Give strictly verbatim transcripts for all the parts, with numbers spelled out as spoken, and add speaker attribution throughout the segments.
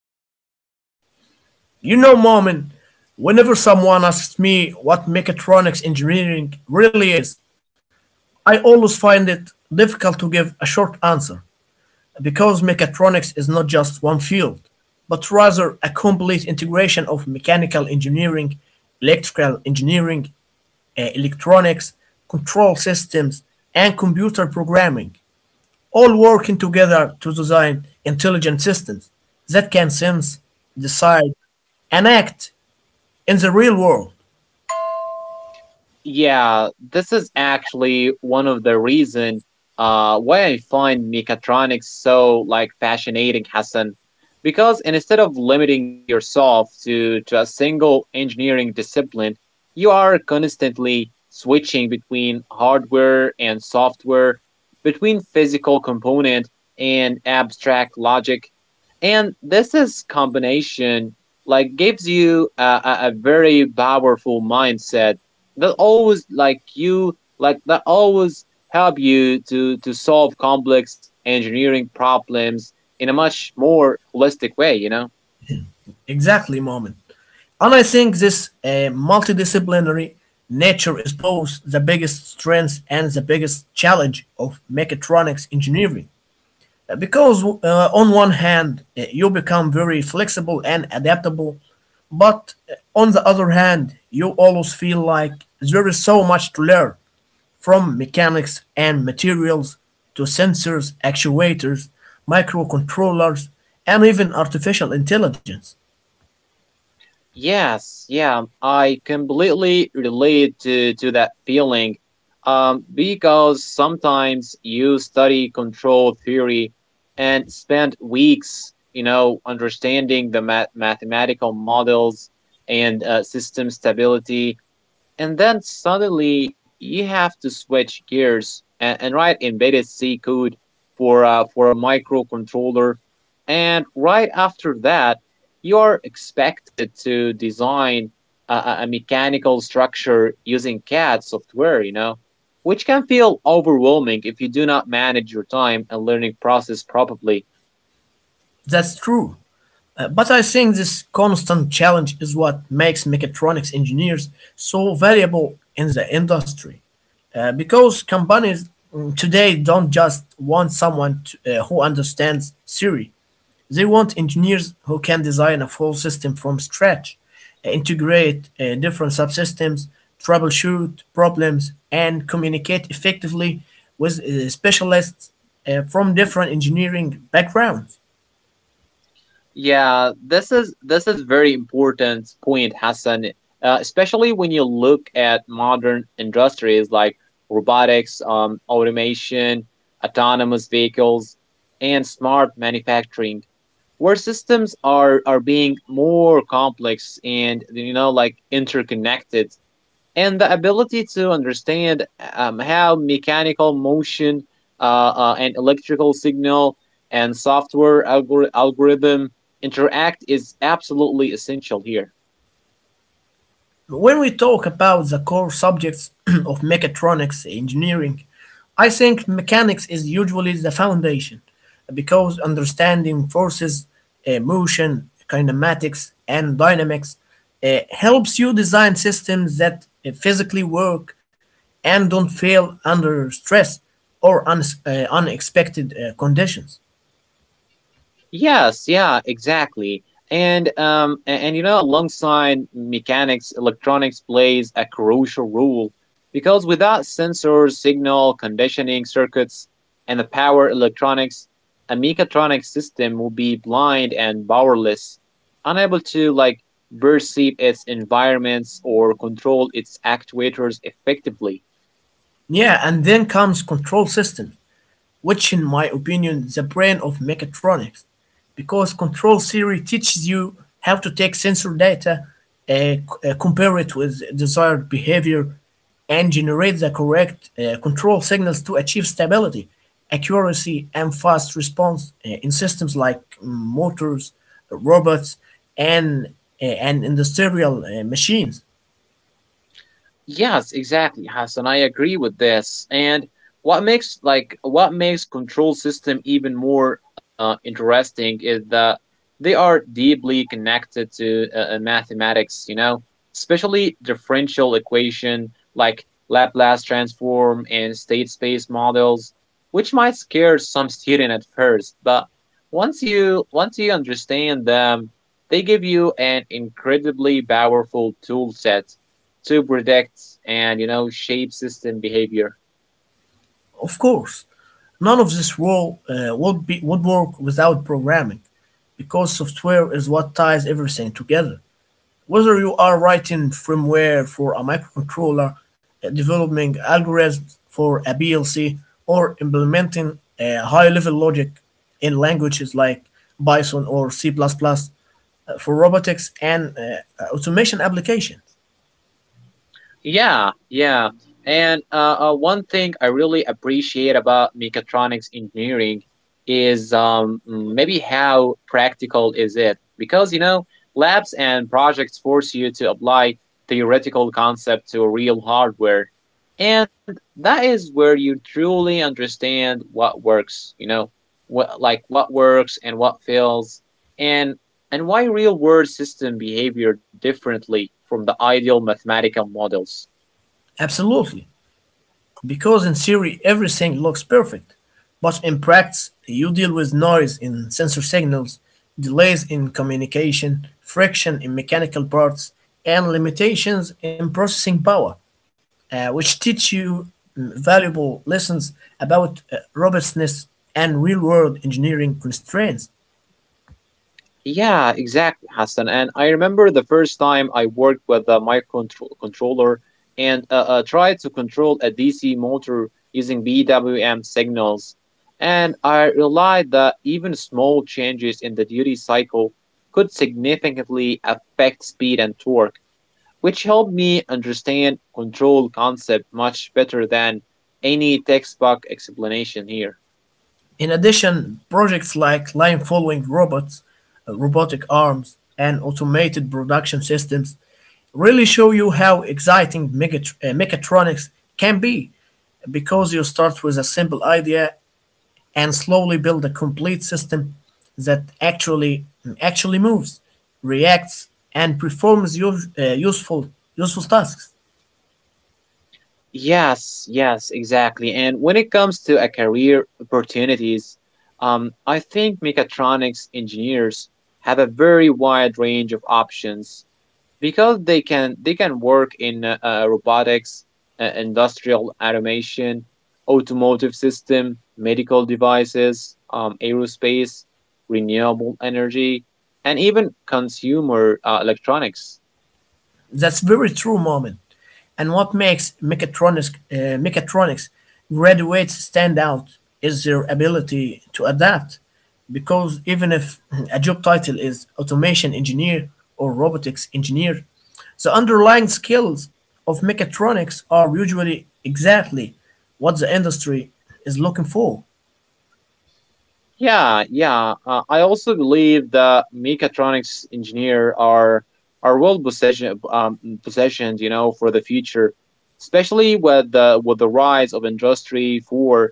Speaker 1: I am Momin.
Speaker 2: You know, Moment, whenever someone asks me what mechatronics engineering really is, I always find it difficult to give a short answer because mechatronics is not just one field, but rather a complete integration of mechanical engineering, electrical engineering, uh, electronics, control systems, and computer programming, all working together to design intelligent systems that can sense, decide, and act in the real world.
Speaker 1: Yeah, this is actually one of the reason uh why I find mechatronics so like fascinating, Hassan. Because instead of limiting yourself to, to a single engineering discipline, you are constantly switching between hardware and software, between physical component and abstract logic. And this is combination like gives you a, a a very powerful mindset that always like you like that always help you to to solve complex engineering problems in a much more holistic way, you know
Speaker 2: Exactly, Moment. And I think this uh, multidisciplinary nature is both the biggest strength and the biggest challenge of mechatronics engineering. Uh, Because, uh, on one hand, uh, you become very flexible and adaptable, but uh, on the other hand, you always feel like there is so much to learn from mechanics and materials to sensors, actuators, microcontrollers, and even artificial intelligence.
Speaker 1: yes yeah, I completely relate to to that feeling um because sometimes you study control theory and spend weeks, you know, understanding the math- mathematical models and uh, system stability. And then suddenly you have to switch gears and, and write embedded C code for uh, for a microcontroller. And right after that, you're expected to design a, a a mechanical structure using CAD software, you know, which can feel overwhelming if you do not manage your time and learning process properly.
Speaker 2: That's true. Uh, But I think this constant challenge is what makes mechatronics engineers so valuable in the industry. Uh, because companies mm, today don't just want someone to, uh, who understands theory, they want engineers who can design a full system from scratch, uh, integrate uh, different subsystems, troubleshoot problems, and communicate effectively with uh, specialists uh, from different engineering backgrounds.
Speaker 1: Yeah, this is this is very important point, Hassan. Uh, especially when you look at modern industries like robotics, um, automation, autonomous vehicles, and smart manufacturing, where systems are are being more complex and, you know, like interconnected, and the ability to understand um, how mechanical motion uh, uh, and electrical signal and software algor- algorithm interact is absolutely essential here.
Speaker 2: When we talk about the core subjects of mechatronics engineering, I think mechanics is usually the foundation because understanding forces, uh, motion, kinematics, and dynamics uh, helps you design systems that uh, physically work and don't fail under stress or un- uh, unexpected uh, conditions.
Speaker 1: Yes, yeah, exactly. And um a- and, you know, alongside mechanics, electronics plays a crucial role because without sensors, signal conditioning circuits and the power electronics, a mechatronic system will be blind and powerless, unable to like perceive its environments or control its actuators effectively.
Speaker 2: Yeah, and then comes control systems, which in my opinion the brain of mechatronics, because control theory teaches you how to take sensor data, uh, c- uh, compare it with desired behavior and generate the correct uh, control signals to achieve stability, accuracy, and fast response uh, in systems like mm, motors, robots, and uh, and industrial uh, machines.
Speaker 1: Yes, exactly, Hassan. I agree with this. And what makes like what makes control system even more uh, interesting is that they are deeply connected to uh, uh, mathematics. You know, especially differential equation like Laplace transform and state space models, which might scare some student at first, but once you once you understand them, they give you an incredibly powerful tool set to predict and, you know, shape system behavior.
Speaker 2: Of course, none of this world uh, would be would work without programming, because software is what ties everything together. Whether you are writing firmware for a microcontroller, uh, developing algorithms for a P L C, or implementing uh, high-level logic in languages like Python or C++ plus plus uh, for robotics and uh, automation applications.
Speaker 1: Yeah, yeah. And uh, uh, one thing I really appreciate about mechatronics engineering is um, mm, maybe how practical is it? Because, you know, labs and projects force you to apply theoretical concept to real hardware. And that is where you truly understand what works, you know, what like what works and what fails and and why real world system behavior differently from the ideal mathematical models.
Speaker 2: Absolutely. Because in theory everything looks perfect, but in practice you deal with noise in sensor signals, delays in communication, friction in mechanical parts, and limitations in processing power, uh, which teach you mm, valuable lessons about uh, robustness and real world engineering constraints.
Speaker 1: Yeah, exactly, Hassan. And I remember the first time I worked with a microcontroller and uh, uh, tried to control a D C motor using B W M signals. And I realized that even small changes in the duty cycle could significantly affect speed and torque, which helped me understand control concept much better than any textbook explanation here.
Speaker 2: In addition, projects like line following robots, uh, robotic arms, and automated production systems really show you how exciting megat- uh, mechatronics can be, because you start with a simple idea and slowly build a complete system that actually actually moves, reacts, and performs use, uh, useful useful tasks.
Speaker 1: Yes, yes, exactly. And when it comes to a career opportunities, um, I think mechatronics engineers have a very wide range of options because they can they can work in uh, uh, robotics, uh, industrial automation, automotive system, medical devices, um, aerospace, renewable energy, and even consumer uh, electronics.
Speaker 2: That's very true, Moment. And what makes mechatronics uh, mechatronics graduates stand out is their ability to adapt. Because even if a job title is automation engineer or robotics engineer, the underlying skills of mechatronics are usually exactly what the industry is looking for.
Speaker 1: Yeah, yeah. Uh, I also believe that mechatronics engineer are are well positioned, um, positioned, you know, for the future, especially with the with the rise of industry for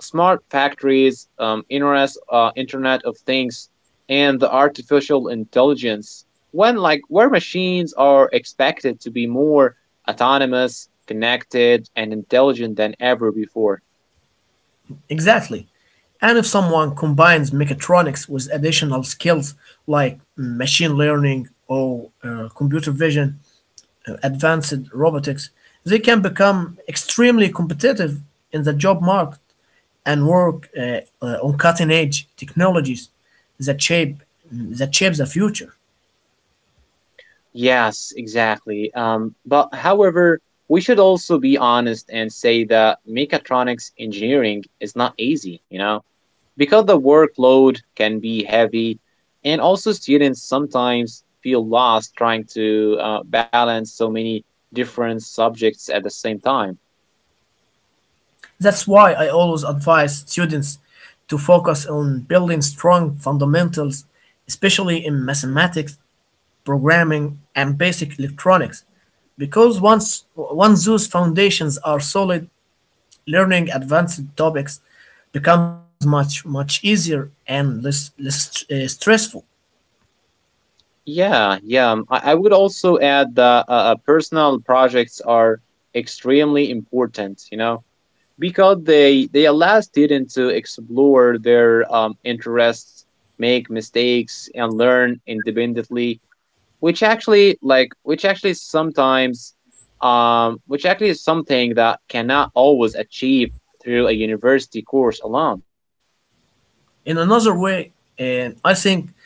Speaker 1: smart factories, um, internet, uh, Internet of Things, and the artificial intelligence. When like where machines are expected to be more autonomous, connected, and intelligent than ever before.
Speaker 2: Exactly. And if someone combines mechatronics with additional skills like machine learning or uh, computer vision, uh, advanced robotics, they can become extremely competitive in the job market and work uh, uh, on cutting edge technologies that shape that shapes the future.
Speaker 1: Yes, exactly. Um, but however, we should also be honest and say that mechatronics engineering is not easy, you know, because the workload can be heavy, and also students sometimes feel lost trying to uh, balance so many different subjects at the same time.
Speaker 2: That's why I always advise students to focus on building strong fundamentals, especially in mathematics, programming, and basic electronics. Because once once those foundations are solid, learning advanced topics becomes much much easier and less less uh, stressful.
Speaker 1: Yeah, yeah. um, I, I would also add that uh, uh, personal projects are extremely important, you know, because they they allow students to explore their um, interests, make mistakes, and learn independently, which actually like which actually sometimes um which actually is something that cannot always achieve through a university course alone.
Speaker 2: In another way, and I think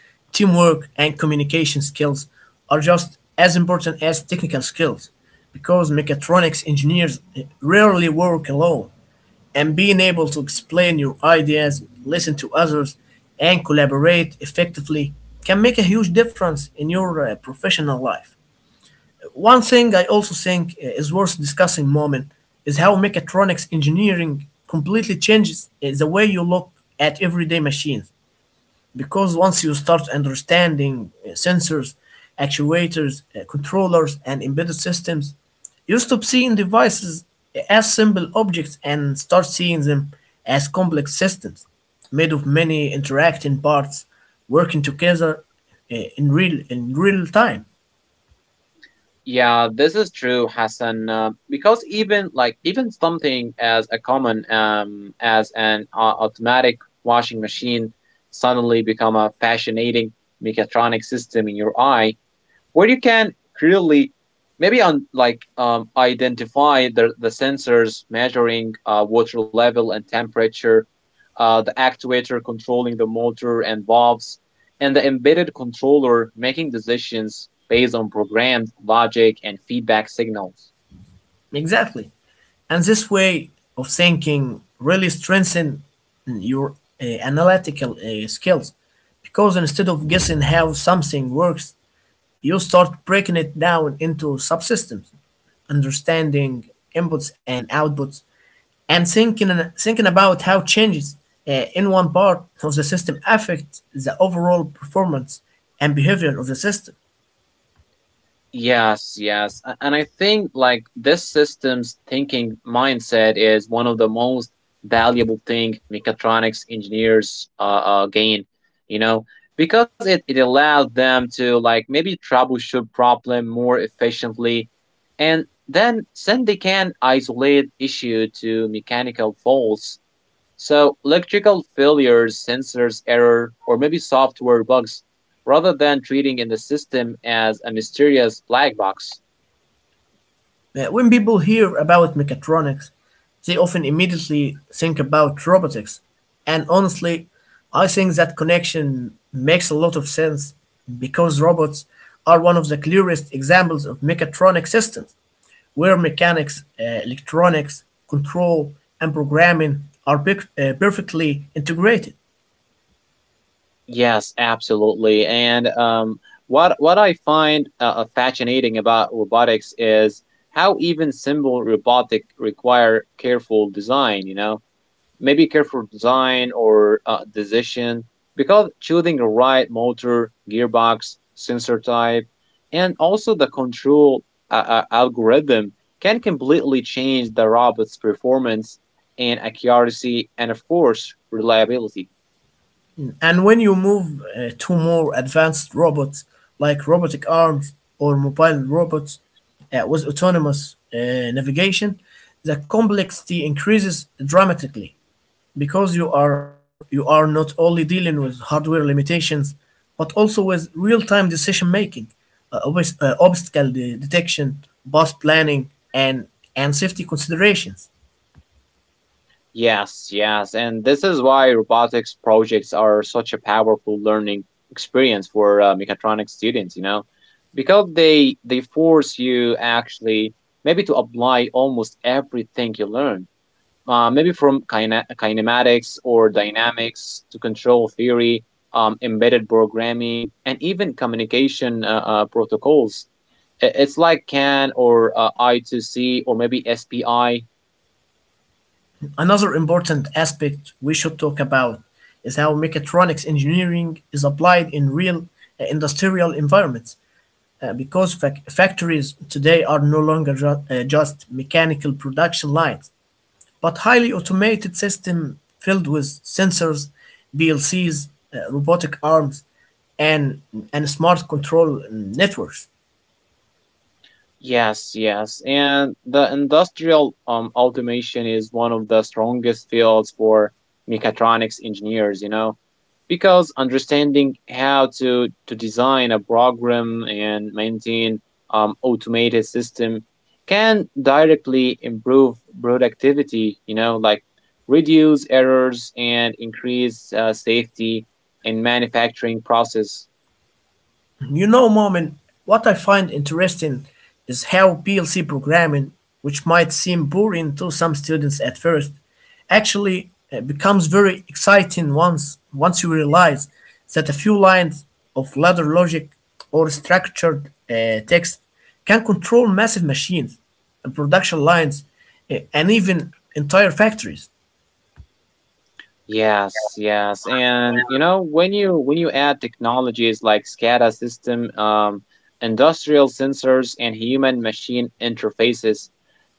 Speaker 2: teamwork and communication skills are just as important as technical skills, because mechatronics engineers rarely work alone, and being able to explain your ideas, listen to others, and collaborate effectively can make a huge difference in your uh, professional life. One thing I also think uh, is worth discussing, Moment, is how mechatronics engineering completely changes uh, the way you look at everyday machines, because once you start understanding uh, sensors, actuators, uh, controllers, and embedded systems, you stop seeing devices as simple objects and start seeing them as complex systems made of many interacting parts working together uh, in real in real time.
Speaker 1: Yeah, this is true, Hassan. Uh, because even like even something as a common um as an uh, automatic washing machine suddenly become a fascinating mechatronic system in your eye where you can clearly maybe on like um, identify the, the sensors measuring uh, water level and temperature, uh, the actuator controlling the motor and valves, and the embedded controller making decisions based on programmed logic and feedback signals.
Speaker 2: Exactly, and this way of thinking really strengthens your uh, analytical uh, skills, because instead of guessing how something works, you start breaking it down into subsystems, understanding inputs and outputs, and thinking thinking about how changes uh, in one part of the system affect the overall performance and behavior of the system.
Speaker 1: Yes, yes. A- And I think like this system's thinking mindset is one of the most valuable thing mechatronics engineers uh, uh, gain, you know, because it, it allows them to like maybe troubleshoot problem more efficiently and then then they can isolate issue to mechanical faults, so electrical failures, sensors error, or maybe software bugs, rather than treating in the system as a mysterious black box.
Speaker 2: Uh, When people hear about mechatronics, they often immediately think about robotics. And honestly, I think that connection makes a lot of sense, because robots are one of the clearest examples of mechatronic systems, where mechanics, uh, electronics, control, and programming are pic- uh, perfectly integrated.
Speaker 1: Yes, absolutely. And um, what what I find uh, uh, fascinating about robotics is how even simple robotic require careful design. You know, maybe careful design or uh, decision, because choosing the right motor, gearbox, sensor type, and also the control uh, uh, algorithm can completely change the robot's performance and accuracy and, of course, reliability.
Speaker 2: And when you move uh, to more advanced robots like robotic arms or mobile robots uh, with autonomous uh, navigation, the complexity increases dramatically, because you are you are not only dealing with hardware limitations but also with real-time decision making, uh, obs- uh, obstacle de- detection, bus planning, and and safety considerations.
Speaker 1: Yes, yes. And this is why robotics projects are such a powerful learning experience for uh, mechatronics students, you know, because they they force you actually maybe to apply almost everything you learn. Uh, maybe from kina- kinematics or dynamics to control theory, um, embedded programming, and even communication uh, uh, protocols. I- It's like CAN or uh, I two C or maybe S P I.
Speaker 2: Another important aspect we should talk about is how mechatronics engineering is applied in real uh, industrial environments. Uh, because fac- factories today are no longer ju- uh, just mechanical production lines, but highly automated systems filled with sensors, P L Cs, uh, robotic arms, and, and smart control um, networks.
Speaker 1: Yes, yes. And the industrial um, automation is one of the strongest fields for mechatronics engineers, you know, because understanding how to, to design a program and maintain um, automated system can directly improve productivity, you know, like reduce errors and increase uh, safety in manufacturing process.
Speaker 2: You know, Moment, what I find interesting is how P L C programming, which might seem boring to some students at first, actually uh, becomes very exciting once once you realize that a few lines of ladder logic or structured uh, text can control massive machines and production lines uh, and even entire factories.
Speaker 1: Yes, yes, and you know when you when you add technologies like SCADA system, um, industrial sensors, and human-machine interfaces,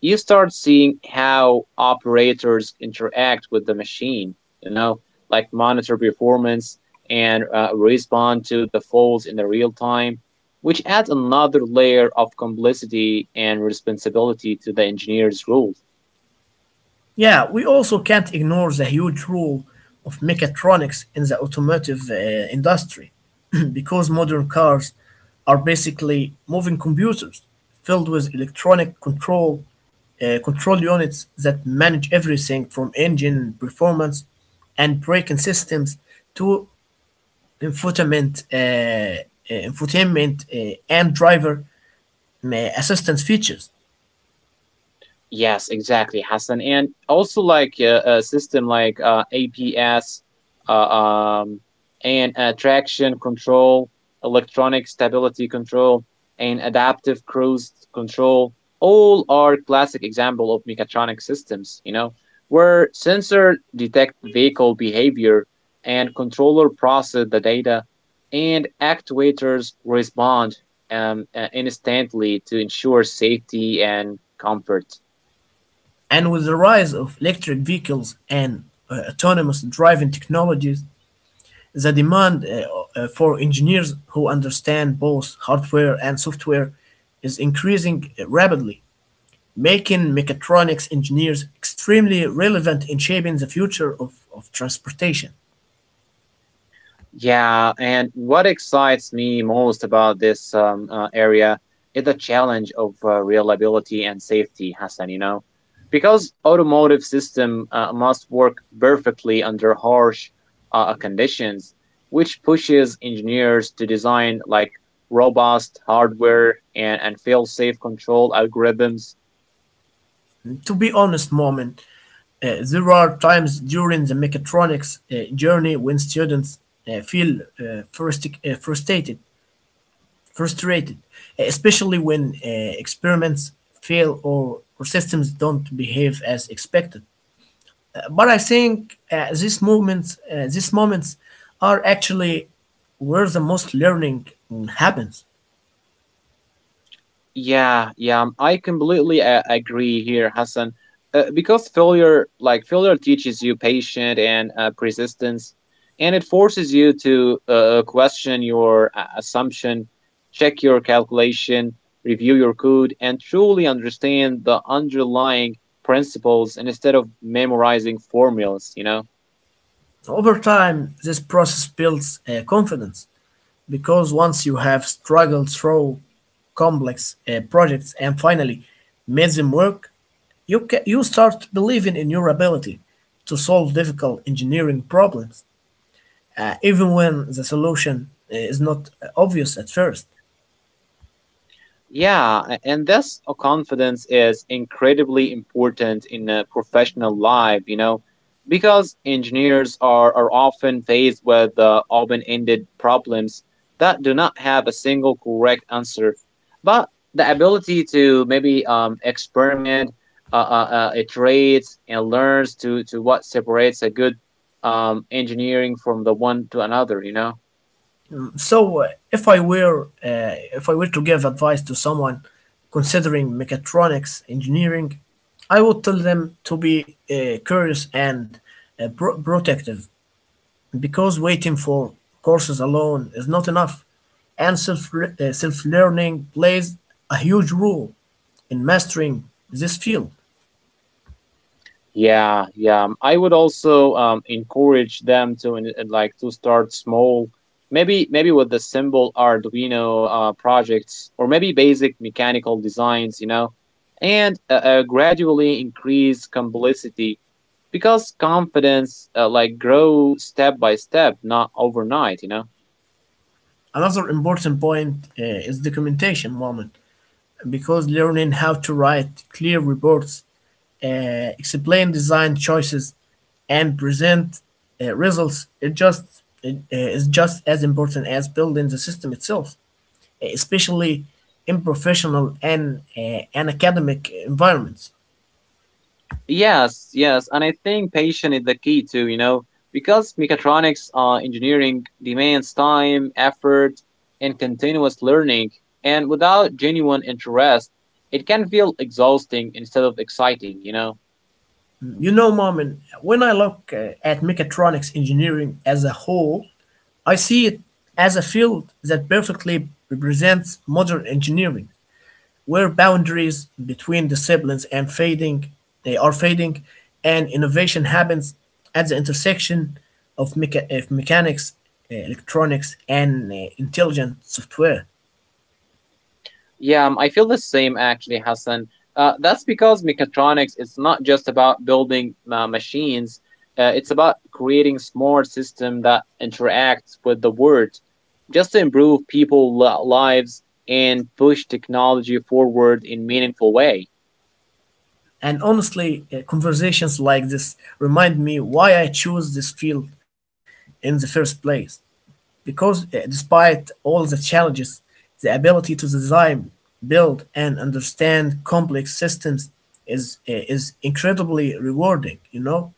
Speaker 1: you start seeing how operators interact with the machine. You know, like monitor performance and uh, respond to the faults in the real time, which adds another layer of complexity and responsibility to the engineer's role.
Speaker 2: Yeah, we also can't ignore the huge role of mechatronics in the automotive uh, industry because modern cars are basically moving computers filled with electronic control uh, control units that manage everything from engine performance and braking systems to infotainment uh, uh, infotainment uh, and driver uh, assistance features.
Speaker 1: Yes, exactly, Hassan. And also like uh, a system like uh, A P S uh, um, and uh, traction control, electronic stability control, and adaptive cruise control all are classic example of mechatronic systems, you know, where sensor detect vehicle behavior and controller process the data and actuators respond um, uh, instantly to ensure safety and comfort.
Speaker 2: And with the rise of electric vehicles and uh, autonomous driving technologies, the demand uh, uh, for engineers who understand both hardware and software is increasing rapidly, making mechatronics engineers extremely relevant in shaping the future of, of transportation.
Speaker 1: Yeah, and what excites me most about this um, uh, area is the challenge of uh, reliability and safety, Hassan, you know, because automotive system uh, must work perfectly under harsh uh, uh, conditions, which pushes engineers to design like robust hardware and, and fail-safe control algorithms.
Speaker 2: To be honest, Moment, uh, there are times during the mechatronics uh, journey when students uh, feel uh, frustic- uh, frustrated frustrated, eh, especially when uh, experiments fail or, or systems don't behave as expected. But I think uh, these movements, uh, these moments are actually where the most learning mm, happens.
Speaker 1: Yeah, yeah, um, I completely uh, agree here, Hassan. Uh, because failure, like failure teaches you patience and uh, persistence, and it forces you to uh, uh, question your uh, assumption, check your calculation, review your code, and truly understand the underlying principles instead of memorizing formulas, you know.
Speaker 2: Over time, this process builds uh, confidence, because once you have struggled through complex uh, projects and finally made them work, you ca- you start believing in your ability to solve difficult engineering problems, uh, even when the solution uh, is not uh, obvious at first.
Speaker 1: Yeah, a- and this uh, confidence is incredibly important in a professional life, you know, because engineers are, are often faced with uh, open ended problems that do not have a single correct answer. But the ability to maybe um, experiment, uh, uh, uh, iterate, and learns to, to what separates a good um, engineering from the one to another, you know?
Speaker 2: So, uh, if I were uh, if I were to give advice to someone considering mechatronics engineering, I would tell them to be uh, curious and uh, pro- protective, because waiting for courses alone is not enough, and self uh, self learning plays a huge role in mastering this field.
Speaker 1: Yeah, yeah. I would also um, encourage them to in- in, like to start small, maybe maybe with the simple Arduino uh, projects or maybe basic mechanical designs, you know, and uh, uh, gradually increase complexity because confidence uh, like grow step by step, not overnight, you know.
Speaker 2: Another important point uh, is documentation, Moment, because learning how to write clear reports, uh, explain design choices, and present uh, results it just it, uh, is just as important as building the system itself, especially in professional and uh, and academic environments.
Speaker 1: Yes, yes, and I think patience is the key too, you know, because mechatronics uh, engineering demands time, effort, and continuous learning. And without genuine interest, it can feel exhausting instead of exciting, you know?
Speaker 2: You know, Mom, and when I look uh, at mechatronics engineering as a whole, I see it as a field that perfectly represents modern engineering, where boundaries between disciplines and fading they are fading, and innovation happens at the intersection of, mecha- of mechanics, uh, electronics, and uh, intelligent software.
Speaker 1: Yeah, um, I feel the same actually, Hassan. Uh, that's because mechatronics is not just about building uh, machines, uh, it's about creating smart systems that interact with the world just to improve people's lives and push technology forward in meaningful way.
Speaker 2: And honestly, uh, conversations like this remind me why I chose this field in the first place, because uh, despite all the challenges, the ability to design, build, and understand complex systems is uh, is incredibly rewarding, you know.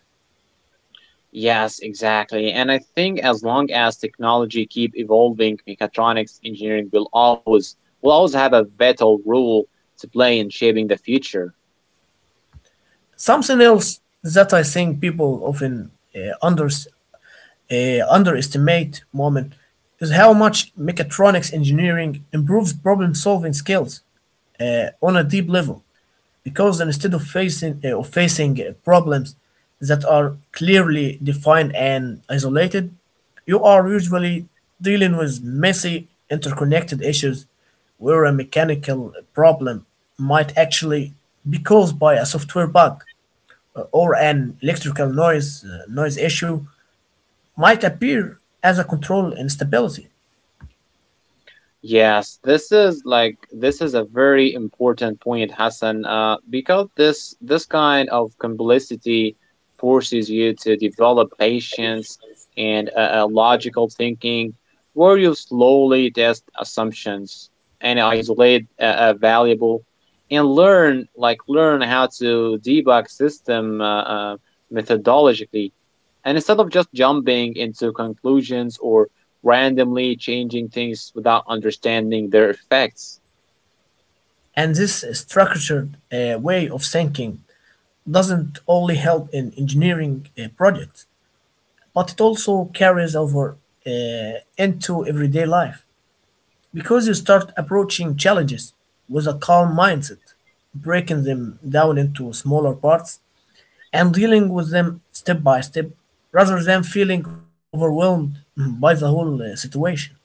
Speaker 1: Yes, exactly. And I think as long as technology keep evolving, mechatronics engineering will always will always have a vital role to play in shaping the future.
Speaker 2: Something else that I think people often uh, under, uh, underestimate, Moment, is how much mechatronics engineering improves problem solving skills uh, on a deep level. Because instead of facing, uh, of facing uh, problems that are clearly defined and isolated, you are usually dealing with messy, interconnected issues where a mechanical problem might actually be caused by a software bug, or an electrical noise, uh, noise issue might appear as a control instability.
Speaker 1: Yes, this is like this is a very important point, Hassan, uh, because this this kind of complicity forces you to develop patience and a, a logical thinking, where you slowly test assumptions and isolate a, a valuable, and learn like learn how to debug system uh, uh, methodologically, and instead of just jumping into conclusions or randomly changing things without understanding their effects.
Speaker 2: And this structured uh, way of thinking doesn't only help in engineering uh, projects, but it also carries over uh, into everyday life, because you start approaching challenges with a calm mindset, breaking them down into smaller parts and dealing with them step by step rather than feeling overwhelmed by the whole uh, situation.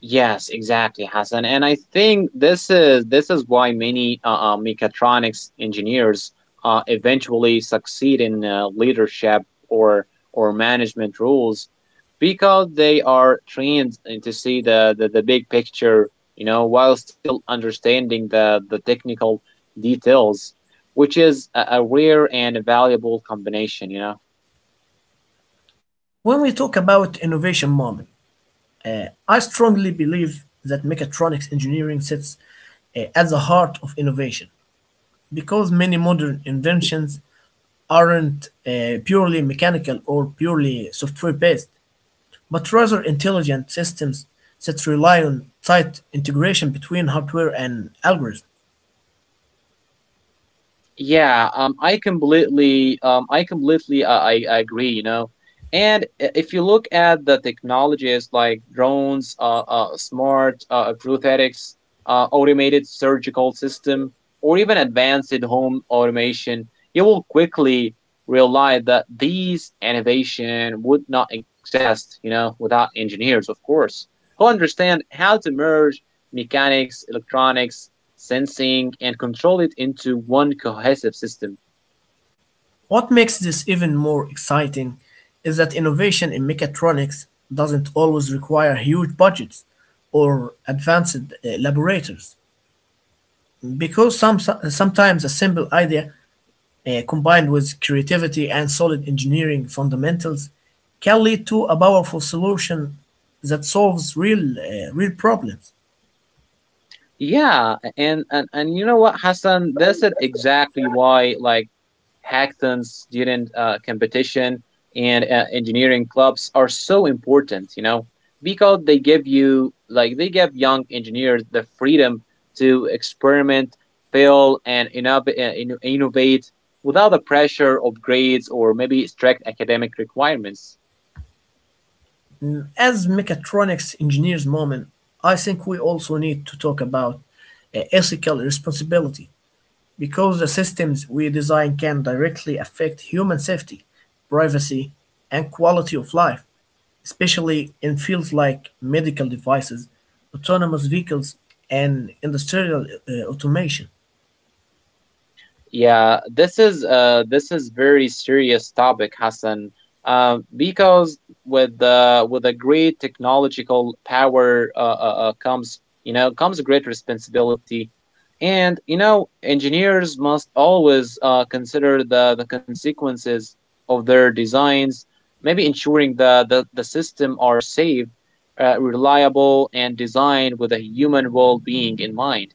Speaker 1: Yes, exactly, Hassan. And I think this is this is why many uh, uh, mechatronics engineers uh, eventually succeed in uh, leadership or or management roles because they are trained to see the, the, the big picture, you know, while still understanding the, the technical details, which is a, a rare and a valuable combination, you know.
Speaker 2: When we talk about innovation, Moment, I strongly believe that mechatronics engineering sits uh, at the heart of innovation, because many modern inventions aren't uh, purely mechanical or purely software based, but rather intelligent systems that rely on tight integration between hardware and algorithms.
Speaker 1: Yeah, um, I completely, um, I completely, uh, I, I agree. You know, and i- if you look at the technologies like drones, uh, uh smart uh, prosthetics, uh, automated surgical system, or even advanced home automation, you will quickly realize that these innovation would not exist. You know, without engineers, of course, who understand how to merge mechanics, electronics, sensing, and control it into one cohesive system.
Speaker 2: What makes this even more exciting is that innovation in mechatronics doesn't always require huge budgets or advanced uh, laboratories, because some, sometimes a simple idea uh, combined with creativity and solid engineering fundamentals can lead to a powerful solution that solves real, uh, real problems.
Speaker 1: Yeah, and and, and you know what, Hassan? That's it exactly why like hackathons during uh, competition and uh, engineering clubs are so important. You know, because they give you like they give young engineers the freedom to experiment, fail, and innov- uh, inno- innovate without the pressure of grades or maybe strict academic requirements.
Speaker 2: As mechatronics engineers, Moment, I think we also need to talk about uh, ethical responsibility, because the systems we design can directly affect human safety, privacy, and quality of life, especially in fields like medical devices, autonomous vehicles, and industrial uh, automation.
Speaker 1: Yeah, this is uh this is very serious topic, Hassan. Um, because with the with a great technological power uh, uh, uh, comes, you know, comes a great responsibility, and you know engineers must always uh, consider the the consequences of their designs, maybe ensuring the the, the system are safe, uh, reliable, and designed with a human well being in mind.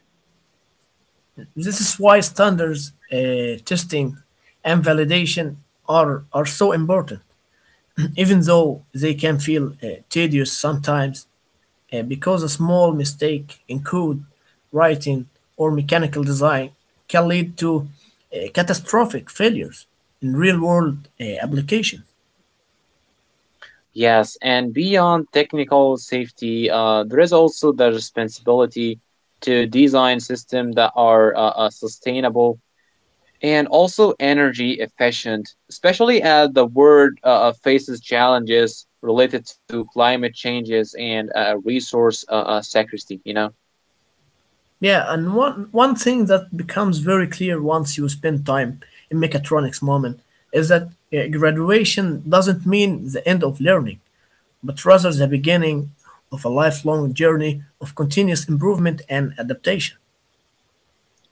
Speaker 2: This is why standards, uh, testing, and validation are, are so important. Even though they can feel uh, tedious sometimes, uh, because a small mistake in code writing or mechanical design can lead to uh, catastrophic failures in real world uh, applications.
Speaker 1: Yes, and beyond technical safety, uh, there is also the responsibility to design systems that are uh, uh, sustainable and also energy efficient, especially as the world uh, uh, faces challenges related to climate changes and uh, resource uh, uh, scarcity, you know?
Speaker 2: Yeah, and one, one thing that becomes very clear once you spend time in mechatronics, Moment, is that uh, graduation doesn't mean the end of learning, but rather the beginning of a lifelong journey of continuous improvement and adaptation.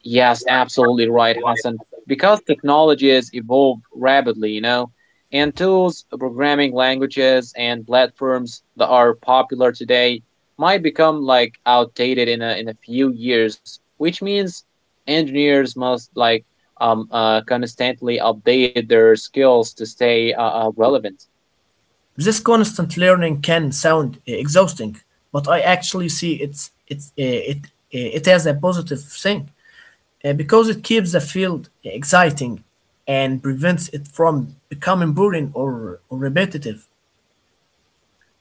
Speaker 1: Yes, absolutely right, Hassan. Because technology has evolved rapidly, you know, and tools, programming languages, and platforms that are popular today might become like outdated in a in a few years, which means engineers must like um uh, constantly update their skills to stay uh, uh, relevant.
Speaker 2: This constant learning can sound uh, exhausting, but I actually see it's it's uh, it uh, it as a positive thing, uh, because it keeps the field exciting and prevents it from becoming boring or, or repetitive.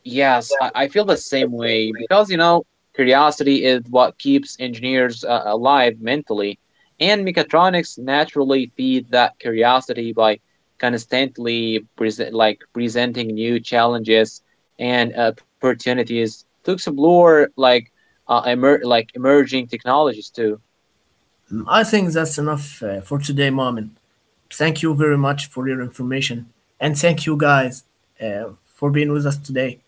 Speaker 1: Yes, I, I feel the same way because, you know, curiosity is what keeps engineers uh, alive mentally, and mechatronics naturally feed that curiosity by constantly present like presenting new challenges and opportunities to explore like uh, emer- like emerging technologies too.
Speaker 2: Mm, I think that's enough uh, for today, Mom. Thank you very much for your information, and thank you guys uh, for being with us today.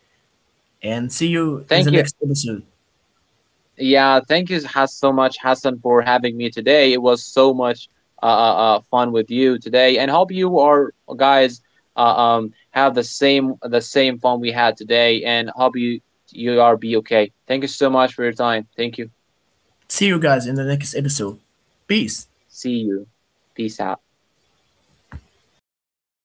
Speaker 2: And see you in the
Speaker 1: Thank you.
Speaker 2: next episode.
Speaker 1: Yeah, thank you has so much Hassan for having me today. It was so much uh, uh uh, fun with you today, and hope you are guys uh, um have the same the same fun we had today, and hope you you are be okay. Thank you so much for your time. Thank you.
Speaker 2: See you guys in the next episode. Peace.
Speaker 1: See you. Peace out.